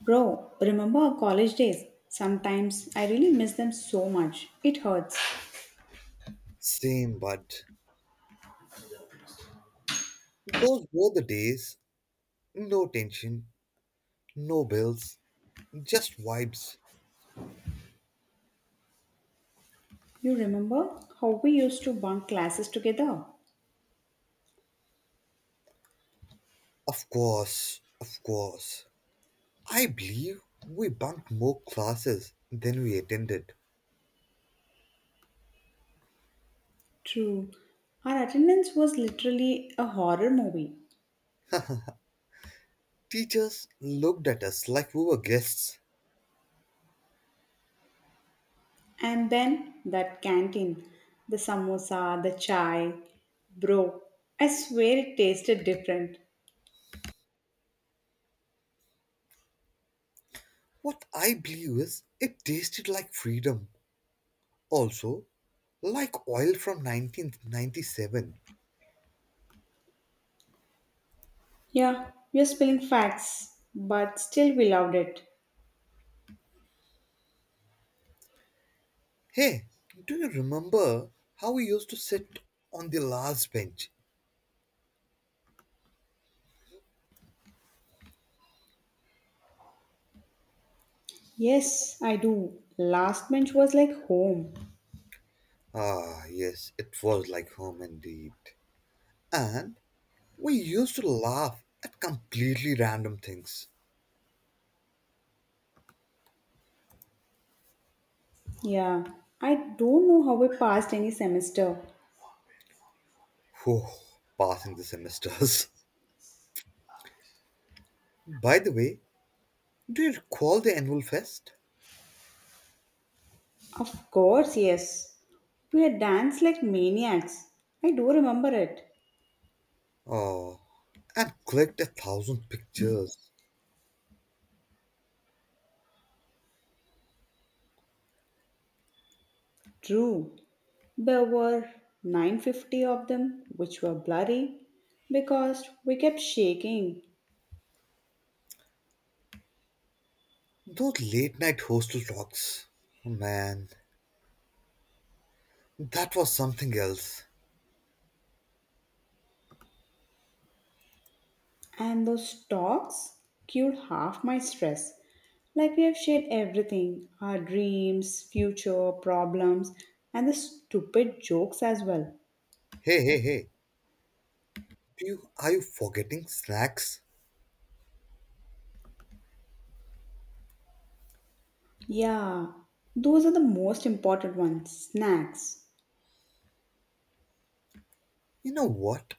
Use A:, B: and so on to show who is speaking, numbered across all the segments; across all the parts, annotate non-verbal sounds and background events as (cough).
A: Bro, remember our college days? Sometimes I really miss them so much. It hurts.
B: Same, but those were the days. No tension, no bills, just vibes.
A: You remember how we used to bunk classes together?
B: Of course, of course. I believe we bunked more classes than we attended.
A: True. Our attendance was literally a horror movie.
B: Teachers looked at us like we were guests.
A: And then that canteen, the samosa, the chai. Bro, I swear it tasted different.
B: What I believe is it tasted like freedom. Also, like oil from 1997.
A: Yeah, we are spilling facts, but still we loved it.
B: Hey, do you remember how we used to sit on the last bench.
A: Yes, I do. Last bench was like home.
B: Ah, yes, it was like home indeed. And we used to laugh at completely random things.
A: Yeah, I don't know how we passed any semester.
B: Whew, passing the semesters. (laughs) By the way, do you recall the annual fest?
A: Of course, yes. We had danced like maniacs. I do remember it.
B: Oh, and clicked 1,000 pictures.
A: True, there were 950 of them, which were bloody because we kept shaking,
B: Those late night hostel talks. Oh, man, that was something else.
A: and those talks cured half my stress. Like we have shared everything our dreams, future, problems, and the stupid jokes as well.
B: Hey, hey, hey, are you forgetting snacks?
A: Yeah, those are the most important ones. Snacks.
B: You know what?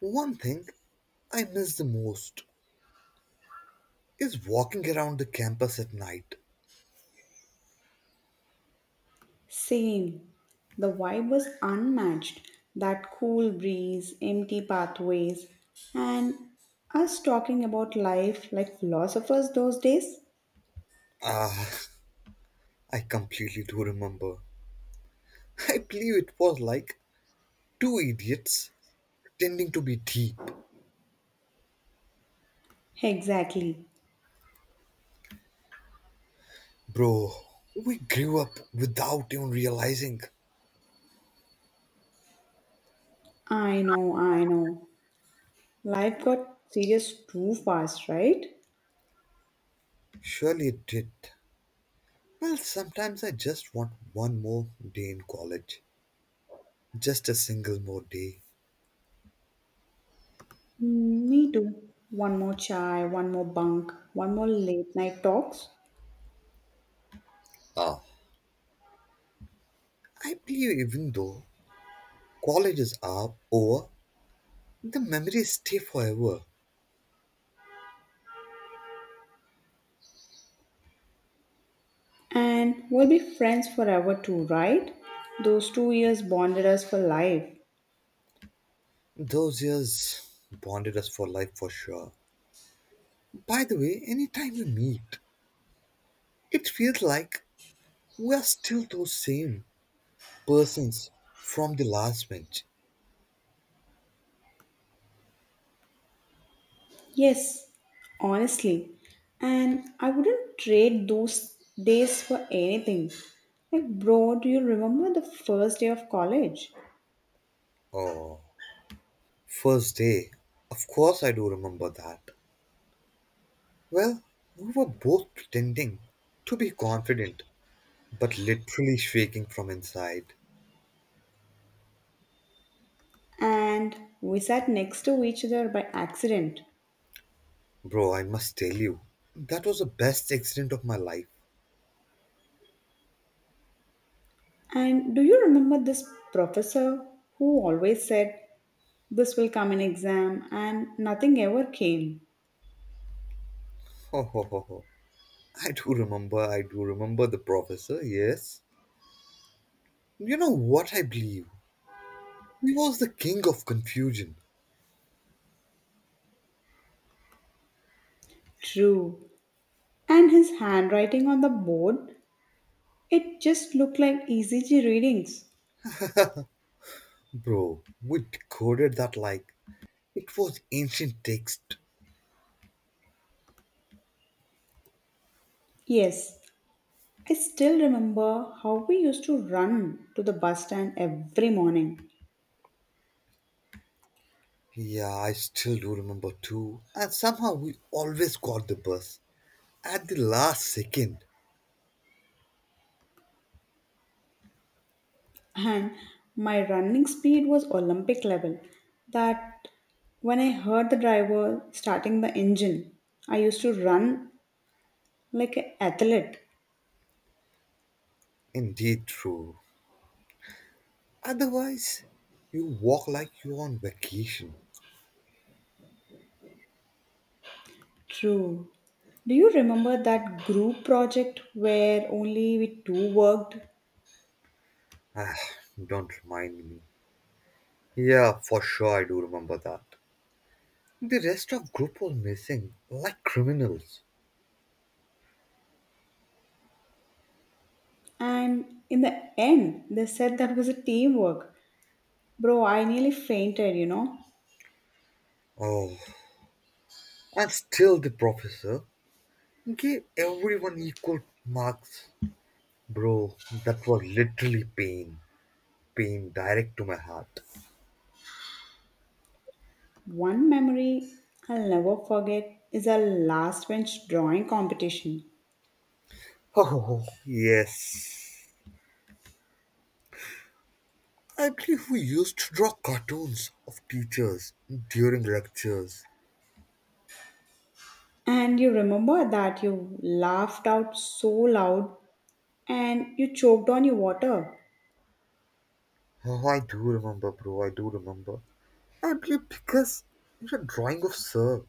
B: One thing I miss the most is walking around the campus at night.
A: Same. The vibe was unmatched. That cool breeze, empty pathways, and us talking about life like philosophers those days?
B: Ah, I completely do remember. I believe it was like two idiots pretending to be deep.
A: Exactly.
B: Bro, we grew up without even realizing.
A: I know, I know. Life got serious too fast, right?
B: Surely it did. Well, sometimes I just want one more day in college. Just a single more day.
A: Mm, me too. One more chai, one more bunk, one more late night talks.
B: Ah. I believe even though colleges are over, the memories stay forever.
A: And we'll be friends forever too, right? Those 2 years bonded us for life.
B: Those years bonded us for life for sure. By the way, anytime we meet, it feels like we are still those same persons from the last bench.
A: Yes, honestly. And I wouldn't trade those days for anything. Like, bro, do you remember the first day of college?
B: Oh, first day. Of course, I do remember that. Well, we were both pretending to be confident, but literally shaking from inside.
A: And we sat next to each other by accident.
B: Bro, I must tell you, that was the best accident of my life.
A: And do you remember this professor who always said, "This will come in exam," and nothing ever came?
B: (laughs) Ho ho ho ho. I do remember the professor, yes. You know what I believe? He was the king of confusion.
A: True. And his handwriting on the board, it just looked like ECG readings.
B: Bro, we decoded that like it was ancient text.
A: Yes, I still remember how we used to run to the bus stand every morning.
B: Yeah, I still do remember too. And somehow we always got the bus at the last second.
A: And my running speed was Olympic level. That when I heard the driver starting the engine, I used to run like an athlete.
B: Indeed, true. Otherwise, you walk like you're on vacation.
A: True. Do you remember that group project where only we two worked?
B: Ah, don't remind me. Yeah, for sure, I do remember that. The rest of group was missing, like criminals.
A: And in the end, they said that was a teamwork. Bro, I nearly fainted, you know.
B: Oh, and still the professor gave everyone equal marks. Bro, that was literally pain. Pain direct to my heart.
A: One memory I'll never forget is our last bench drawing competition.
B: Oh, yes. I believe we used to draw cartoons of teachers during lectures.
A: And you remember that you laughed out so loud and you choked on your water.
B: Oh, I do remember, bro. I do remember. I believe because your drawing of Sir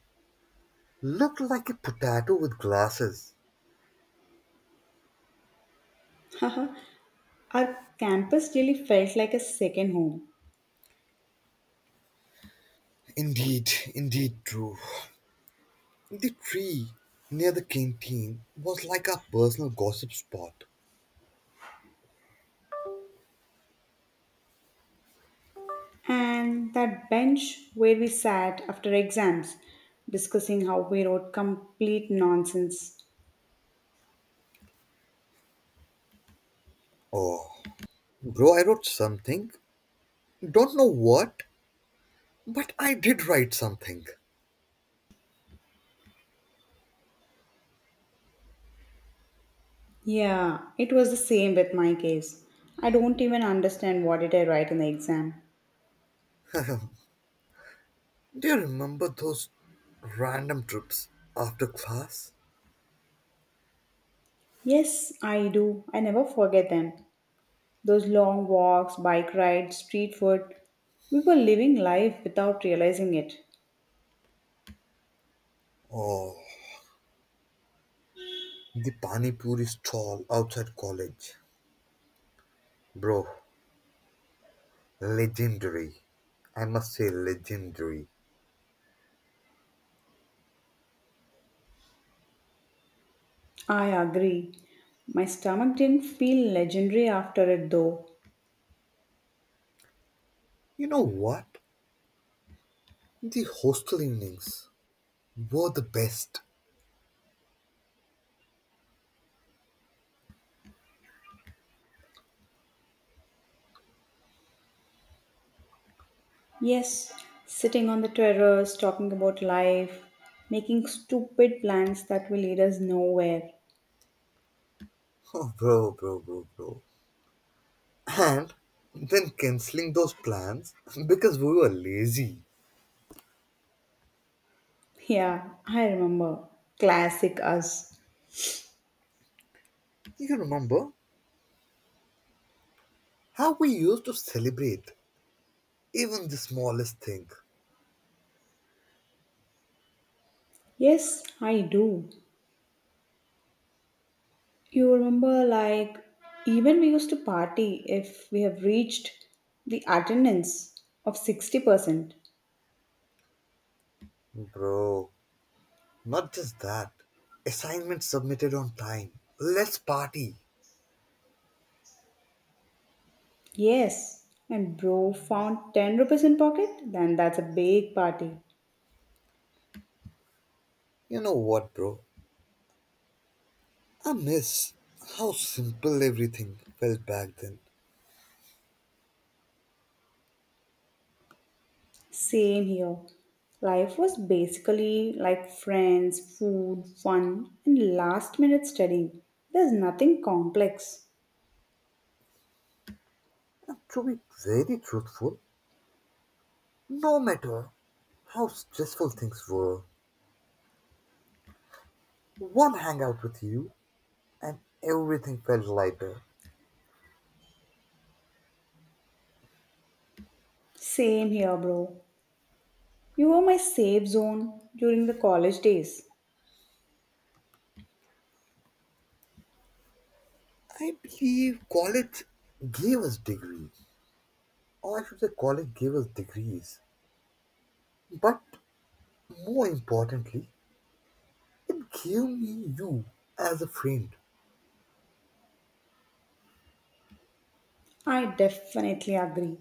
B: looked like a potato with glasses.
A: (laughs) Our campus really felt like a second home.
B: Indeed, indeed, true. The tree near the canteen was like our personal gossip spot.
A: And that bench where we sat after exams discussing how we wrote complete nonsense.
B: Oh, bro, I wrote something. Don't know what, but I did write something.
A: Yeah, it was the same with my case. I don't even understand what did I write in the exam.
B: Do you remember those random trips after class?
A: Yes, I do. I never forget them. Those long walks, bike rides, street food. We were living life without realizing it.
B: Oh, the pani puri stall outside college. Bro, legendary. I must say legendary.
A: I agree. My stomach didn't feel legendary after it though.
B: You know what? The hostel evenings were the best. (laughs)
A: Yes, sitting on the terrace, talking about life, making stupid plans that will lead us nowhere.
B: Oh, bro, bro, bro, bro. And then cancelling those plans (laughs) because we were lazy.
A: Yeah, I remember. Classic us.
B: You remember how we used to celebrate even the smallest thing?
A: Yes, I do. You remember, like, even we used to party if we have reached the attendance of 60%.
B: Bro, not just that. Assignment submitted on time. Let's party.
A: Yes, and bro found 10 rupees in pocket, then that's a big party.
B: You know what, bro? I miss how simple everything felt back then.
A: Same here. Life was basically like friends, food, fun, and last minute studying. There's nothing complex.
B: And to be very truthful, no matter how stressful things were, one hangout with you and everything felt lighter.
A: Same here, bro. You were my safe zone during the college days.
B: I believe college gave us degrees. Or I should say college gave us degrees. But more importantly, it gave me you as a friend.
A: I definitely agree.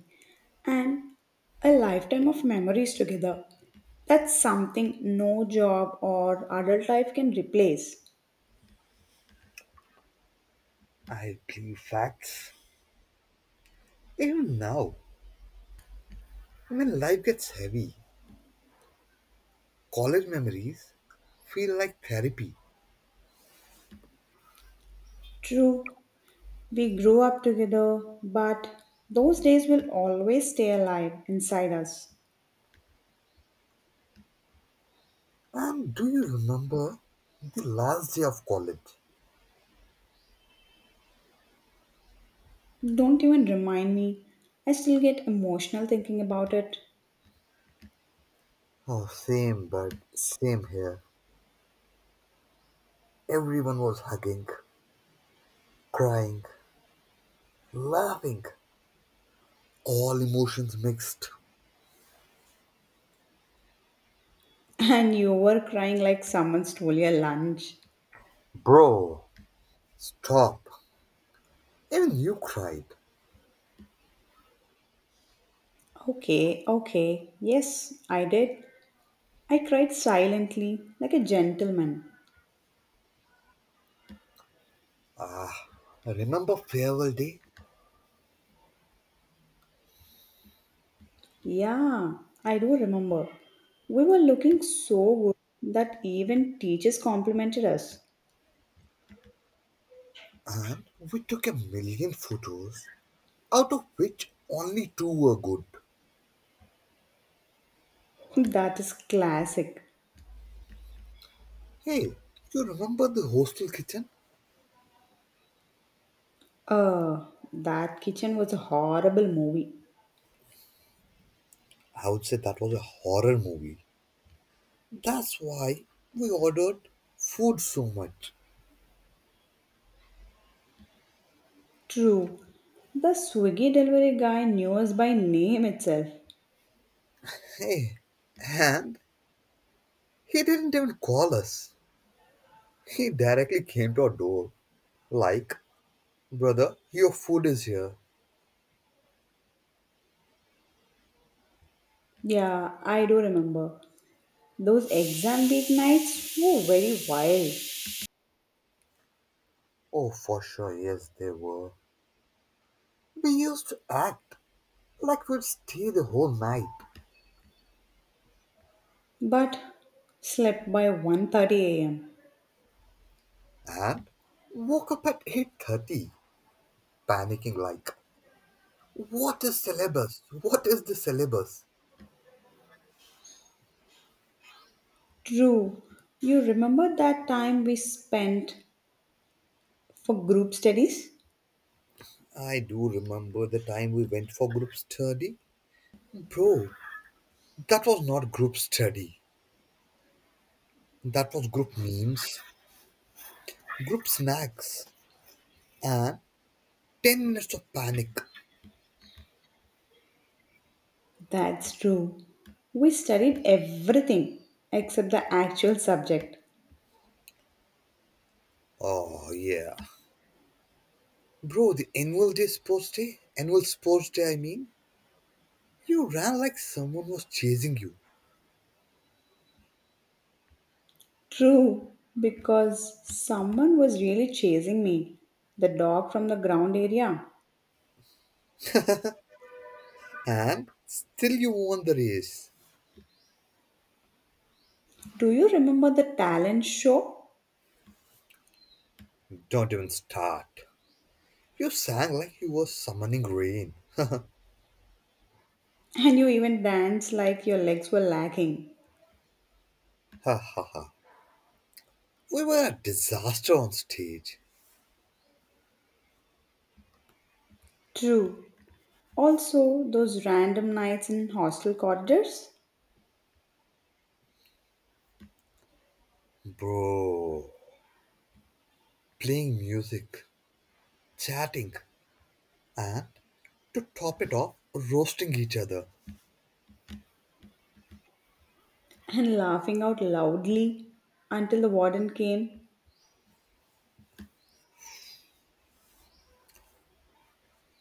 A: And a lifetime of memories together. That's something no job or adult life can replace.
B: I believe facts. Even now, when life gets heavy, college memories feel like therapy.
A: True, we grew up together, but those days will always stay alive inside us.
B: And do you remember the last day of college?
A: Don't even remind me. I still get emotional thinking about it.
B: Oh, same, but same here. Everyone was hugging, crying, laughing, all emotions mixed.
A: (laughs) And you were crying like someone stole your lunch.
B: Bro, stop. Even you cried.
A: Okay, okay. Yes, I did. I cried silently, like a gentleman.
B: Ah, remember farewell day?
A: Yeah, I do remember. We were looking so good that even teachers complimented us.
B: And we took 1,000,000 photos, out of which only two were good.
A: (laughs) That is classic.
B: Hey, you remember the hostel kitchen?
A: Uh, that kitchen was a horrible movie.
B: I would say that was a horror movie. That's why we ordered food so much.
A: True. The Swiggy delivery guy knew us by name itself.
B: Hey, and he didn't even call us. He directly came to our door. Like, brother, your food is here.
A: Yeah, I do remember. Those exam week nights were very wild.
B: Oh, for sure, yes, they were. We used to act like we'd stay the whole night.
A: But slept by 1:30 a.m.
B: And woke up at 8:30, panicking like, what is syllabus? What is the syllabus?
A: True. You remember that time we spent for group studies?
B: I do remember the time we went for group study. Bro, that was not group study. That was group memes, group snacks, and 10 minutes of panic.
A: That's true. We studied everything except the actual subject.
B: Oh, yeah. Bro, the annual day sports day, annual sports day, I mean, you ran like someone was chasing you,
A: True, because someone was really chasing me. The dog from the ground area.
B: and still you won the race.
A: Do you remember the talent show?
B: Don't even start. You sang like you were summoning rain.
A: And you even danced like your legs were lacking.
B: Ha ha ha. We were a disaster on stage.
A: True. Also, those random nights in hostel corridors
B: Bro, playing music, chatting, and to top it off, roasting each other.
A: and laughing out loudly until the warden came.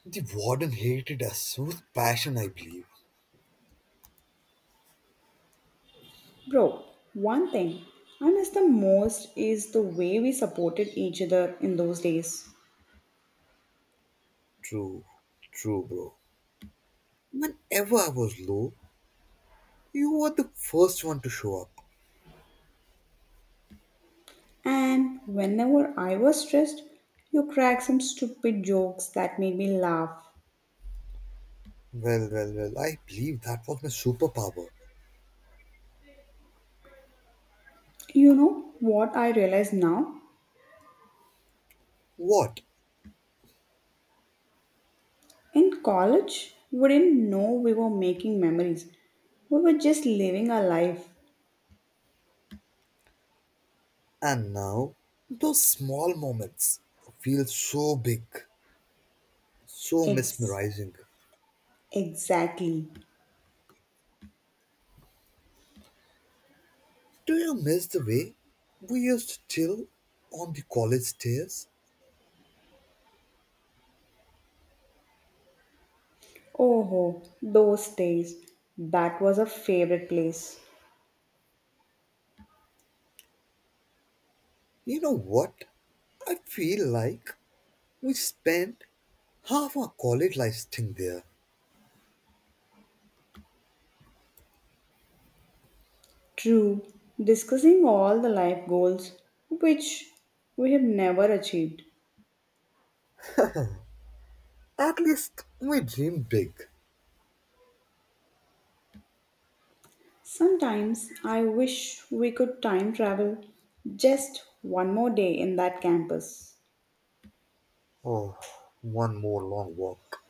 B: The warden hated us with passion, I believe.
A: Bro, one thing I miss the most is the way we supported each other in those days.
B: True, true, bro. Whenever I was low, you were the first one to show up.
A: And whenever I was stressed, you cracked some stupid jokes that made me laugh.
B: Well, well, well, I believe that was my superpower.
A: You know what I realize now?
B: What?
A: In college, we didn't know we were making memories. We were just living our life.
B: And now, those small moments feel so big, so
A: Ex-
B: mesmerizing.
A: exactly.
B: Do you miss the way we used to chill on the college stairs?
A: Oh, those days. That was a favorite place.
B: You know what? I feel like we spent half our college life staying there.
A: True, discussing all the life goals which we have never achieved.
B: At least we dream big.
A: Sometimes I wish we could time travel just one more day in that campus
B: Oh, one more long walk,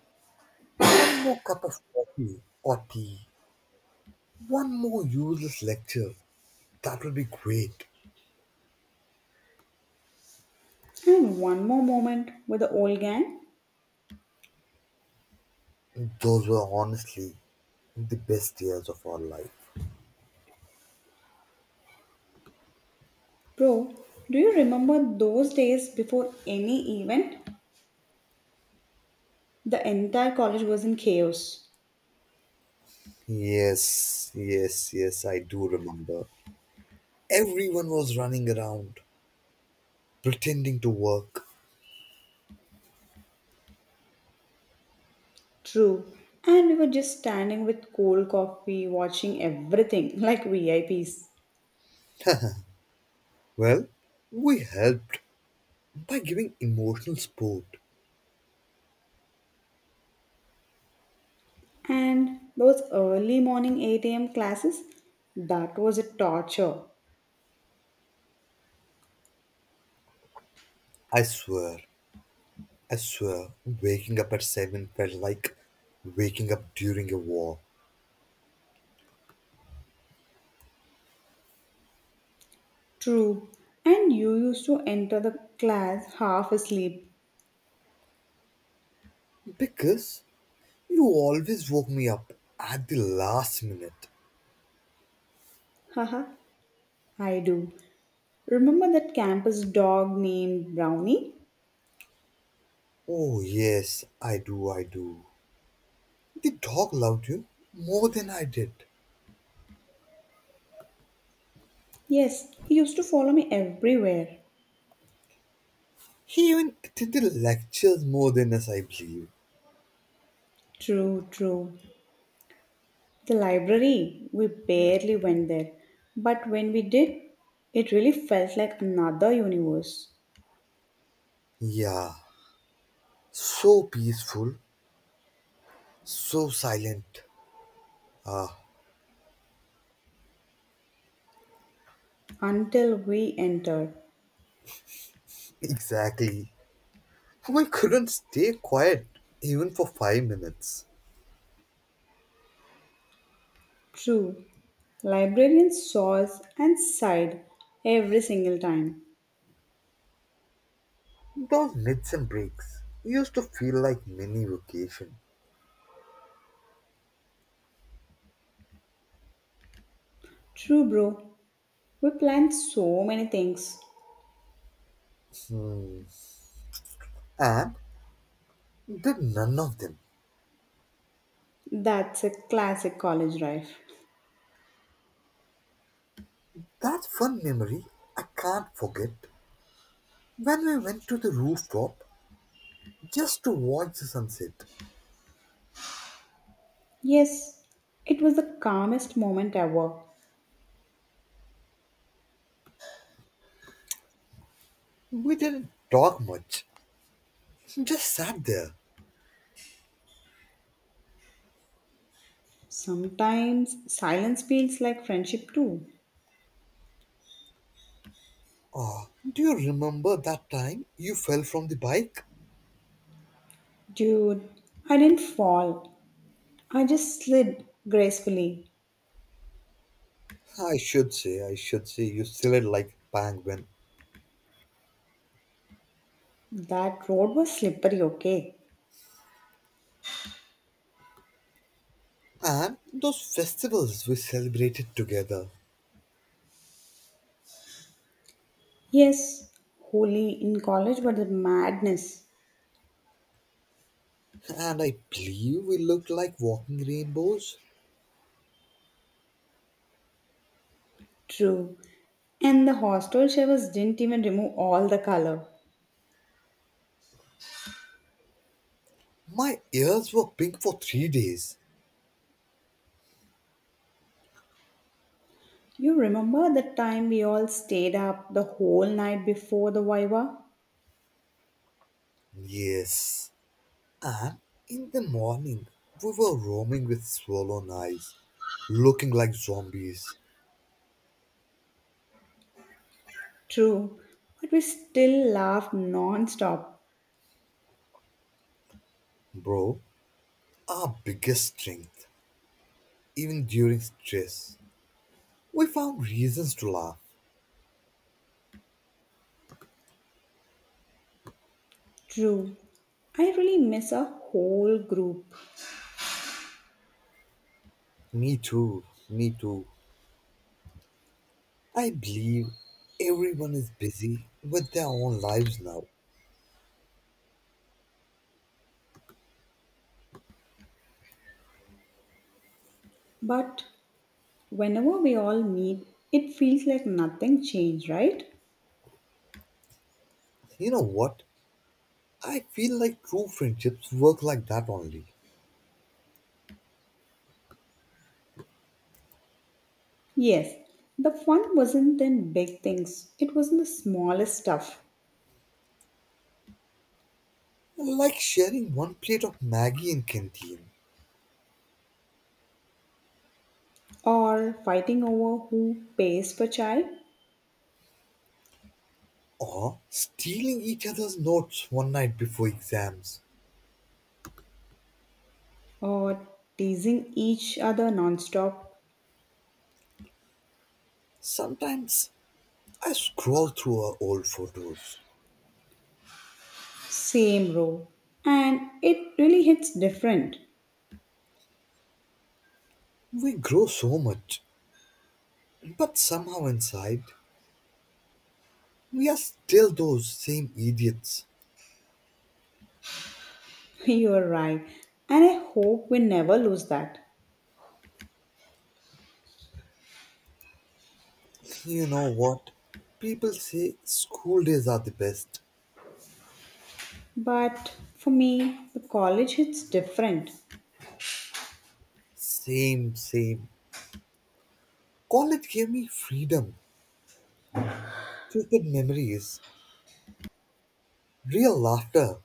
B: one more cup of coffee or tea, one more useless lecture. That would be great.
A: and one more moment with the old gang.
B: Those were honestly the best years of our life.
A: Bro, do you remember those days before any event? The entire college was in chaos.
B: Yes, yes, yes, I do remember. Everyone was running around, pretending to work.
A: True, and we were just standing with cold coffee watching everything (laughs) like VIPs.
B: Well, we helped by giving emotional support.
A: And those early morning 8 a.m. classes, that was a torture.
B: I swear, I swear, waking up at 7 felt like waking up during a war.
A: True. And you used to enter the class half asleep.
B: Because you always woke me up at the last minute.
A: Haha, I do. Remember that campus dog named Brownie?
B: Oh, yes, I do, I do. The dog loved you more than I did.
A: Yes, he used to follow me everywhere.
B: He even attended lectures more than us, I believe.
A: True, true. The library, we barely went there. But when we did, it really felt like another universe
B: Yeah, so peaceful, so silent. Ah,
A: until we entered.
B: exactly. I couldn't stay quiet even for 5 minutes.
A: True. Librarian saws and sighed every single time.
B: Those naps and breaks used to feel like mini vacation.
A: True, bro. We planned so many things.
B: Hmm. And did none of them.
A: That's a classic college life.
B: That's one memory I can't forget. When we went to the rooftop just to watch the sunset,
A: Yes, it was the calmest moment ever.
B: we didn't talk much, just sat there.
A: Sometimes silence feels like friendship too.
B: Oh, do you remember that time you fell from the bike?
A: Dude, I didn't fall. I just slid gracefully.
B: I should say, you still had like penguin.
A: That road was slippery, okay?
B: And those festivals we celebrated together.
A: Yes, holy in college, but the madness.
B: And I believe we looked like walking rainbows.
A: True. And the hostel showers didn't even remove all the color.
B: My ears were pink for 3 days.
A: You remember the time we all stayed up the whole night before the Viva?
B: Yes. And in the morning, we were roaming with swollen eyes, looking like zombies.
A: True. But we still laughed non stop.
B: Bro, our biggest strength, even during stress. We found reasons to laugh.
A: True. I really miss our whole group.
B: Me too, me too. I believe everyone is busy with their own lives now.
A: But whenever we all meet, it feels like nothing changed, right?
B: You know what? I feel like true friendships work like that only.
A: Yes, the fun wasn't in big things, it was in the smallest stuff.
B: Like sharing one plate of Maggie in canteen
A: Or fighting over who pays for chai,
B: or stealing each other's notes one night before exams.
A: or teasing each other nonstop,
B: Sometimes I scroll through our old photos.
A: same row. And it really hits different.
B: We grow so much, but somehow inside, we are still those same idiots.
A: (laughs) You're right. And I hope we never lose that.
B: You know what? People say school days are the best.
A: But for me, the college hits different.
B: Same, same. College gave me freedom, just memories. Real laughter.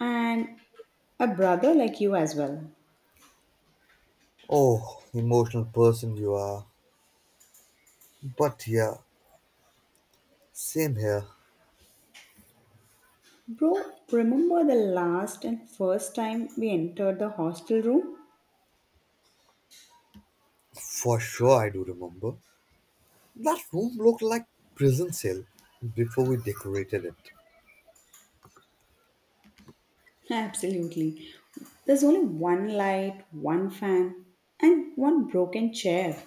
A: And a brother like you as well.
B: Oh, emotional person you are. But yeah, same here.
A: Bro, remember the last and first time we entered the hostel room?
B: For sure, I do remember. That room looked like prison cell before we decorated it.
A: (laughs) Absolutely. There's only one light, one fan, and one broken chair.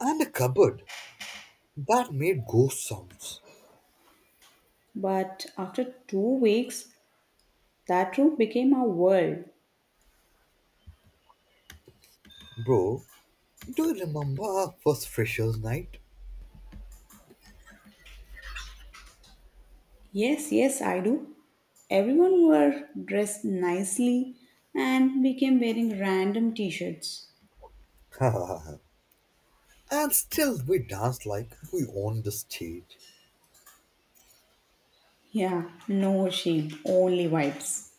B: And a cupboard that made ghost sounds.
A: But after 2 weeks, that room became our world.
B: Bro, do you remember our first freshers night?
A: Yes, yes, I do. Everyone were dressed nicely and became wearing random t shirts.
B: (laughs) And still we danced like we owned the stage.
A: Yeah, no shame, only vibes.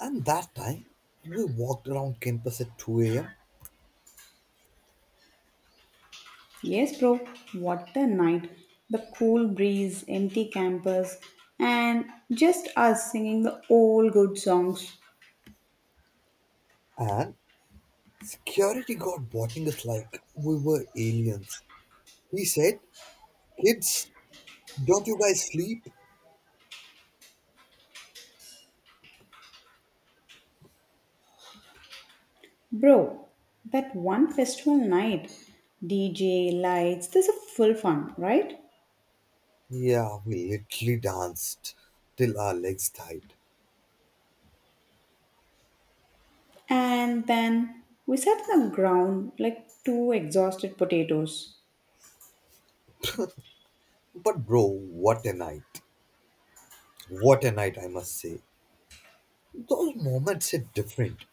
B: And that time, we walked around campus at 2 a.m.
A: Yes, bro, what the night. The cool breeze, empty campus, and just us singing the old good songs.
B: and security guard watching us like we were aliens. He said, kids, don't you guys sleep?
A: Bro, that one festival night, DJ, lights, this is full fun, right?
B: Yeah, we literally danced till our legs tied.
A: And then we sat on the ground like two exhausted potatoes.
B: But, bro, what a night. What a night, I must say. Those moments hit different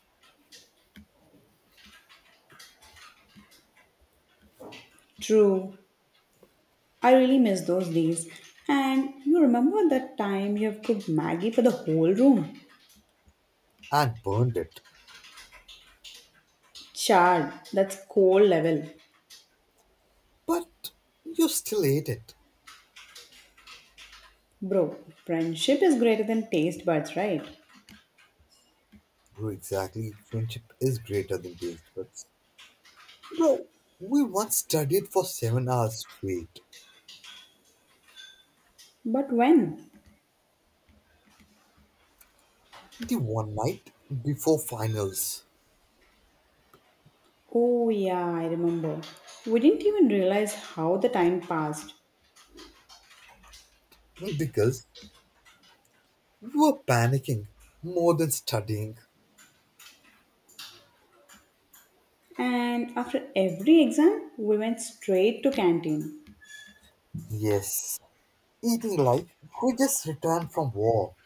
A: True, I really miss those days. And you remember that time you have cooked Maggie for the whole room?
B: and burned it.
A: Chard, that's cold level.
B: But you still ate it.
A: Bro, friendship is greater than taste buds, right?
B: Bro, exactly. Friendship is greater than taste buds. Bro, we once studied for 7 hours straight.
A: But when?
B: The one night before finals.
A: Oh, yeah, I remember. We didn't even realize how the time passed.
B: Because we were panicking more than studying.
A: And after every exam, we went straight to canteen.
B: Yes, eating like we just returned from war.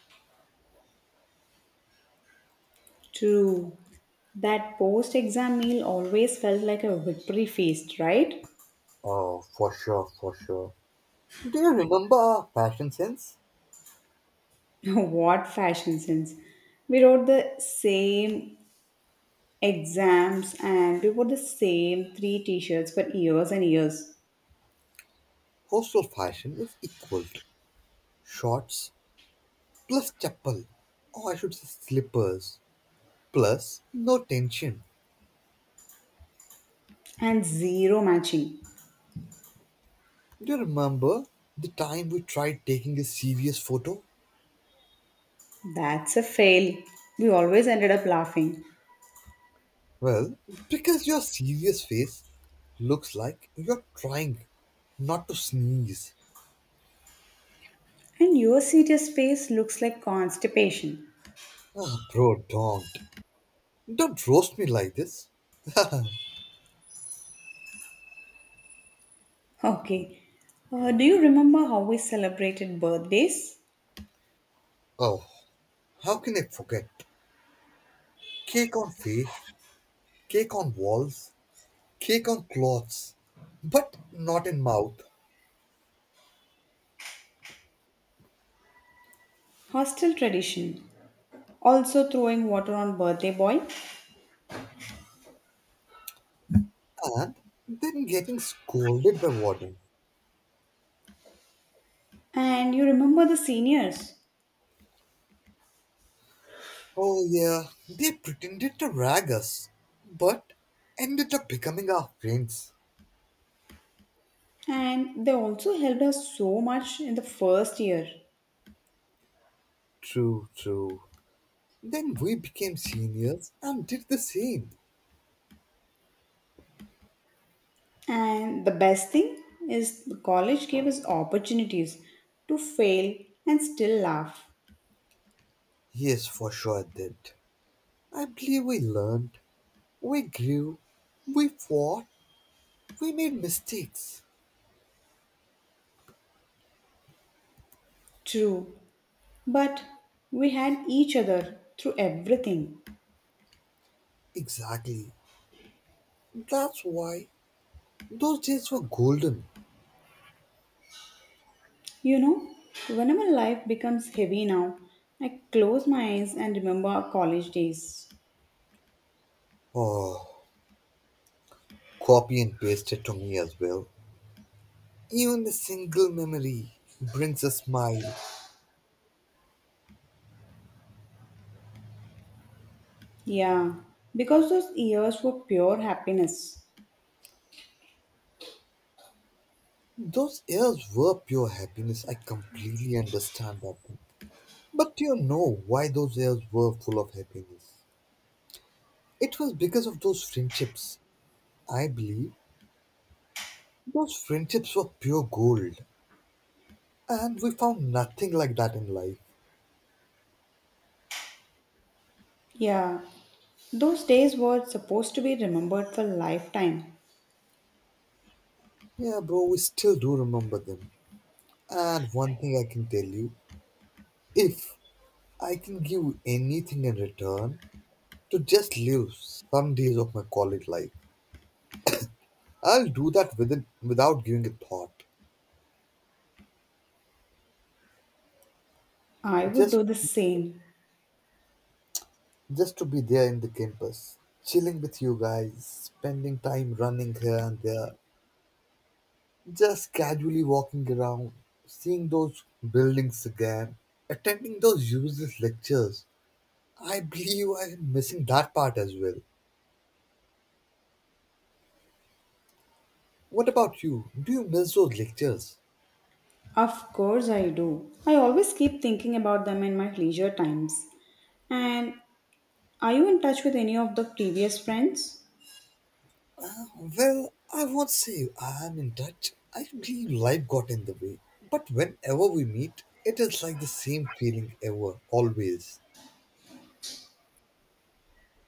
A: True. That post exam meal always felt like a victory feast, right?
B: Oh, for sure, for sure. Do you remember our fashion sense?
A: (laughs) What fashion sense. We wrote the same exams and we wore the same three t shirts for years and years
B: Hostel fashion is equal to shorts plus chappal, or I should say slippers, plus no tension.
A: and zero matching.
B: Do you remember the time we tried taking a serious photo?
A: That's a fail. We always ended up laughing.
B: Well, because your serious face looks like you're trying not to sneeze.
A: And your serious face looks like constipation.
B: Ah, bro, don't. Don't roast me like this.
A: Okay. Do you remember how we celebrated birthdays?
B: Oh, how can I forget? Cake on feet, cake on walls, cake on clothes, but not in mouth.
A: Hostel tradition. Also throwing water on birthday boy
B: And then getting scolded by warden.
A: and you remember the seniors
B: Oh yeah, they pretended to rag us, but ended up becoming our friends.
A: and they also helped us so much in the first year
B: True, true. Then we became seniors and did the same.
A: and the best thing is the college gave us opportunities to fail and still laugh,
B: Yes, for sure I did. I believe we learned, we grew, we fought, we made mistakes.
A: true, but we had each other through everything.
B: Exactly. That's why those days were golden.
A: You know, whenever life becomes heavy now, I close my eyes and remember our college days,
B: Oh, copy and paste it to me as well. Even a single memory brings a smile.
A: yeah, because those years were pure happiness.
B: Those years were pure happiness. I completely understand that one. But do you know why those years were full of happiness? It was because of those friendships. I believe those friendships were pure gold, and we found nothing like that in life.
A: Yeah, those days were supposed to be remembered for lifetime.
B: Yeah, bro, we still do remember them. And one thing I can tell you, if I can give anything in return to just live some days of my college life, I'll do that within, without giving a thought.
A: I would
B: Just
A: do the same.
B: just to be there in the campus, chilling with you guys, spending time running here and there, just casually walking around, seeing those buildings again, attending those useless lectures. I believe I am missing that part as well. What about you? Do you miss those lectures?
A: Of course, I do. I always keep thinking about them in my leisure times. And are you in touch with any of the previous friends?
B: Well, I won't say I am in touch. I believe life got in the way. But whenever we meet, it is like the same feeling ever, always.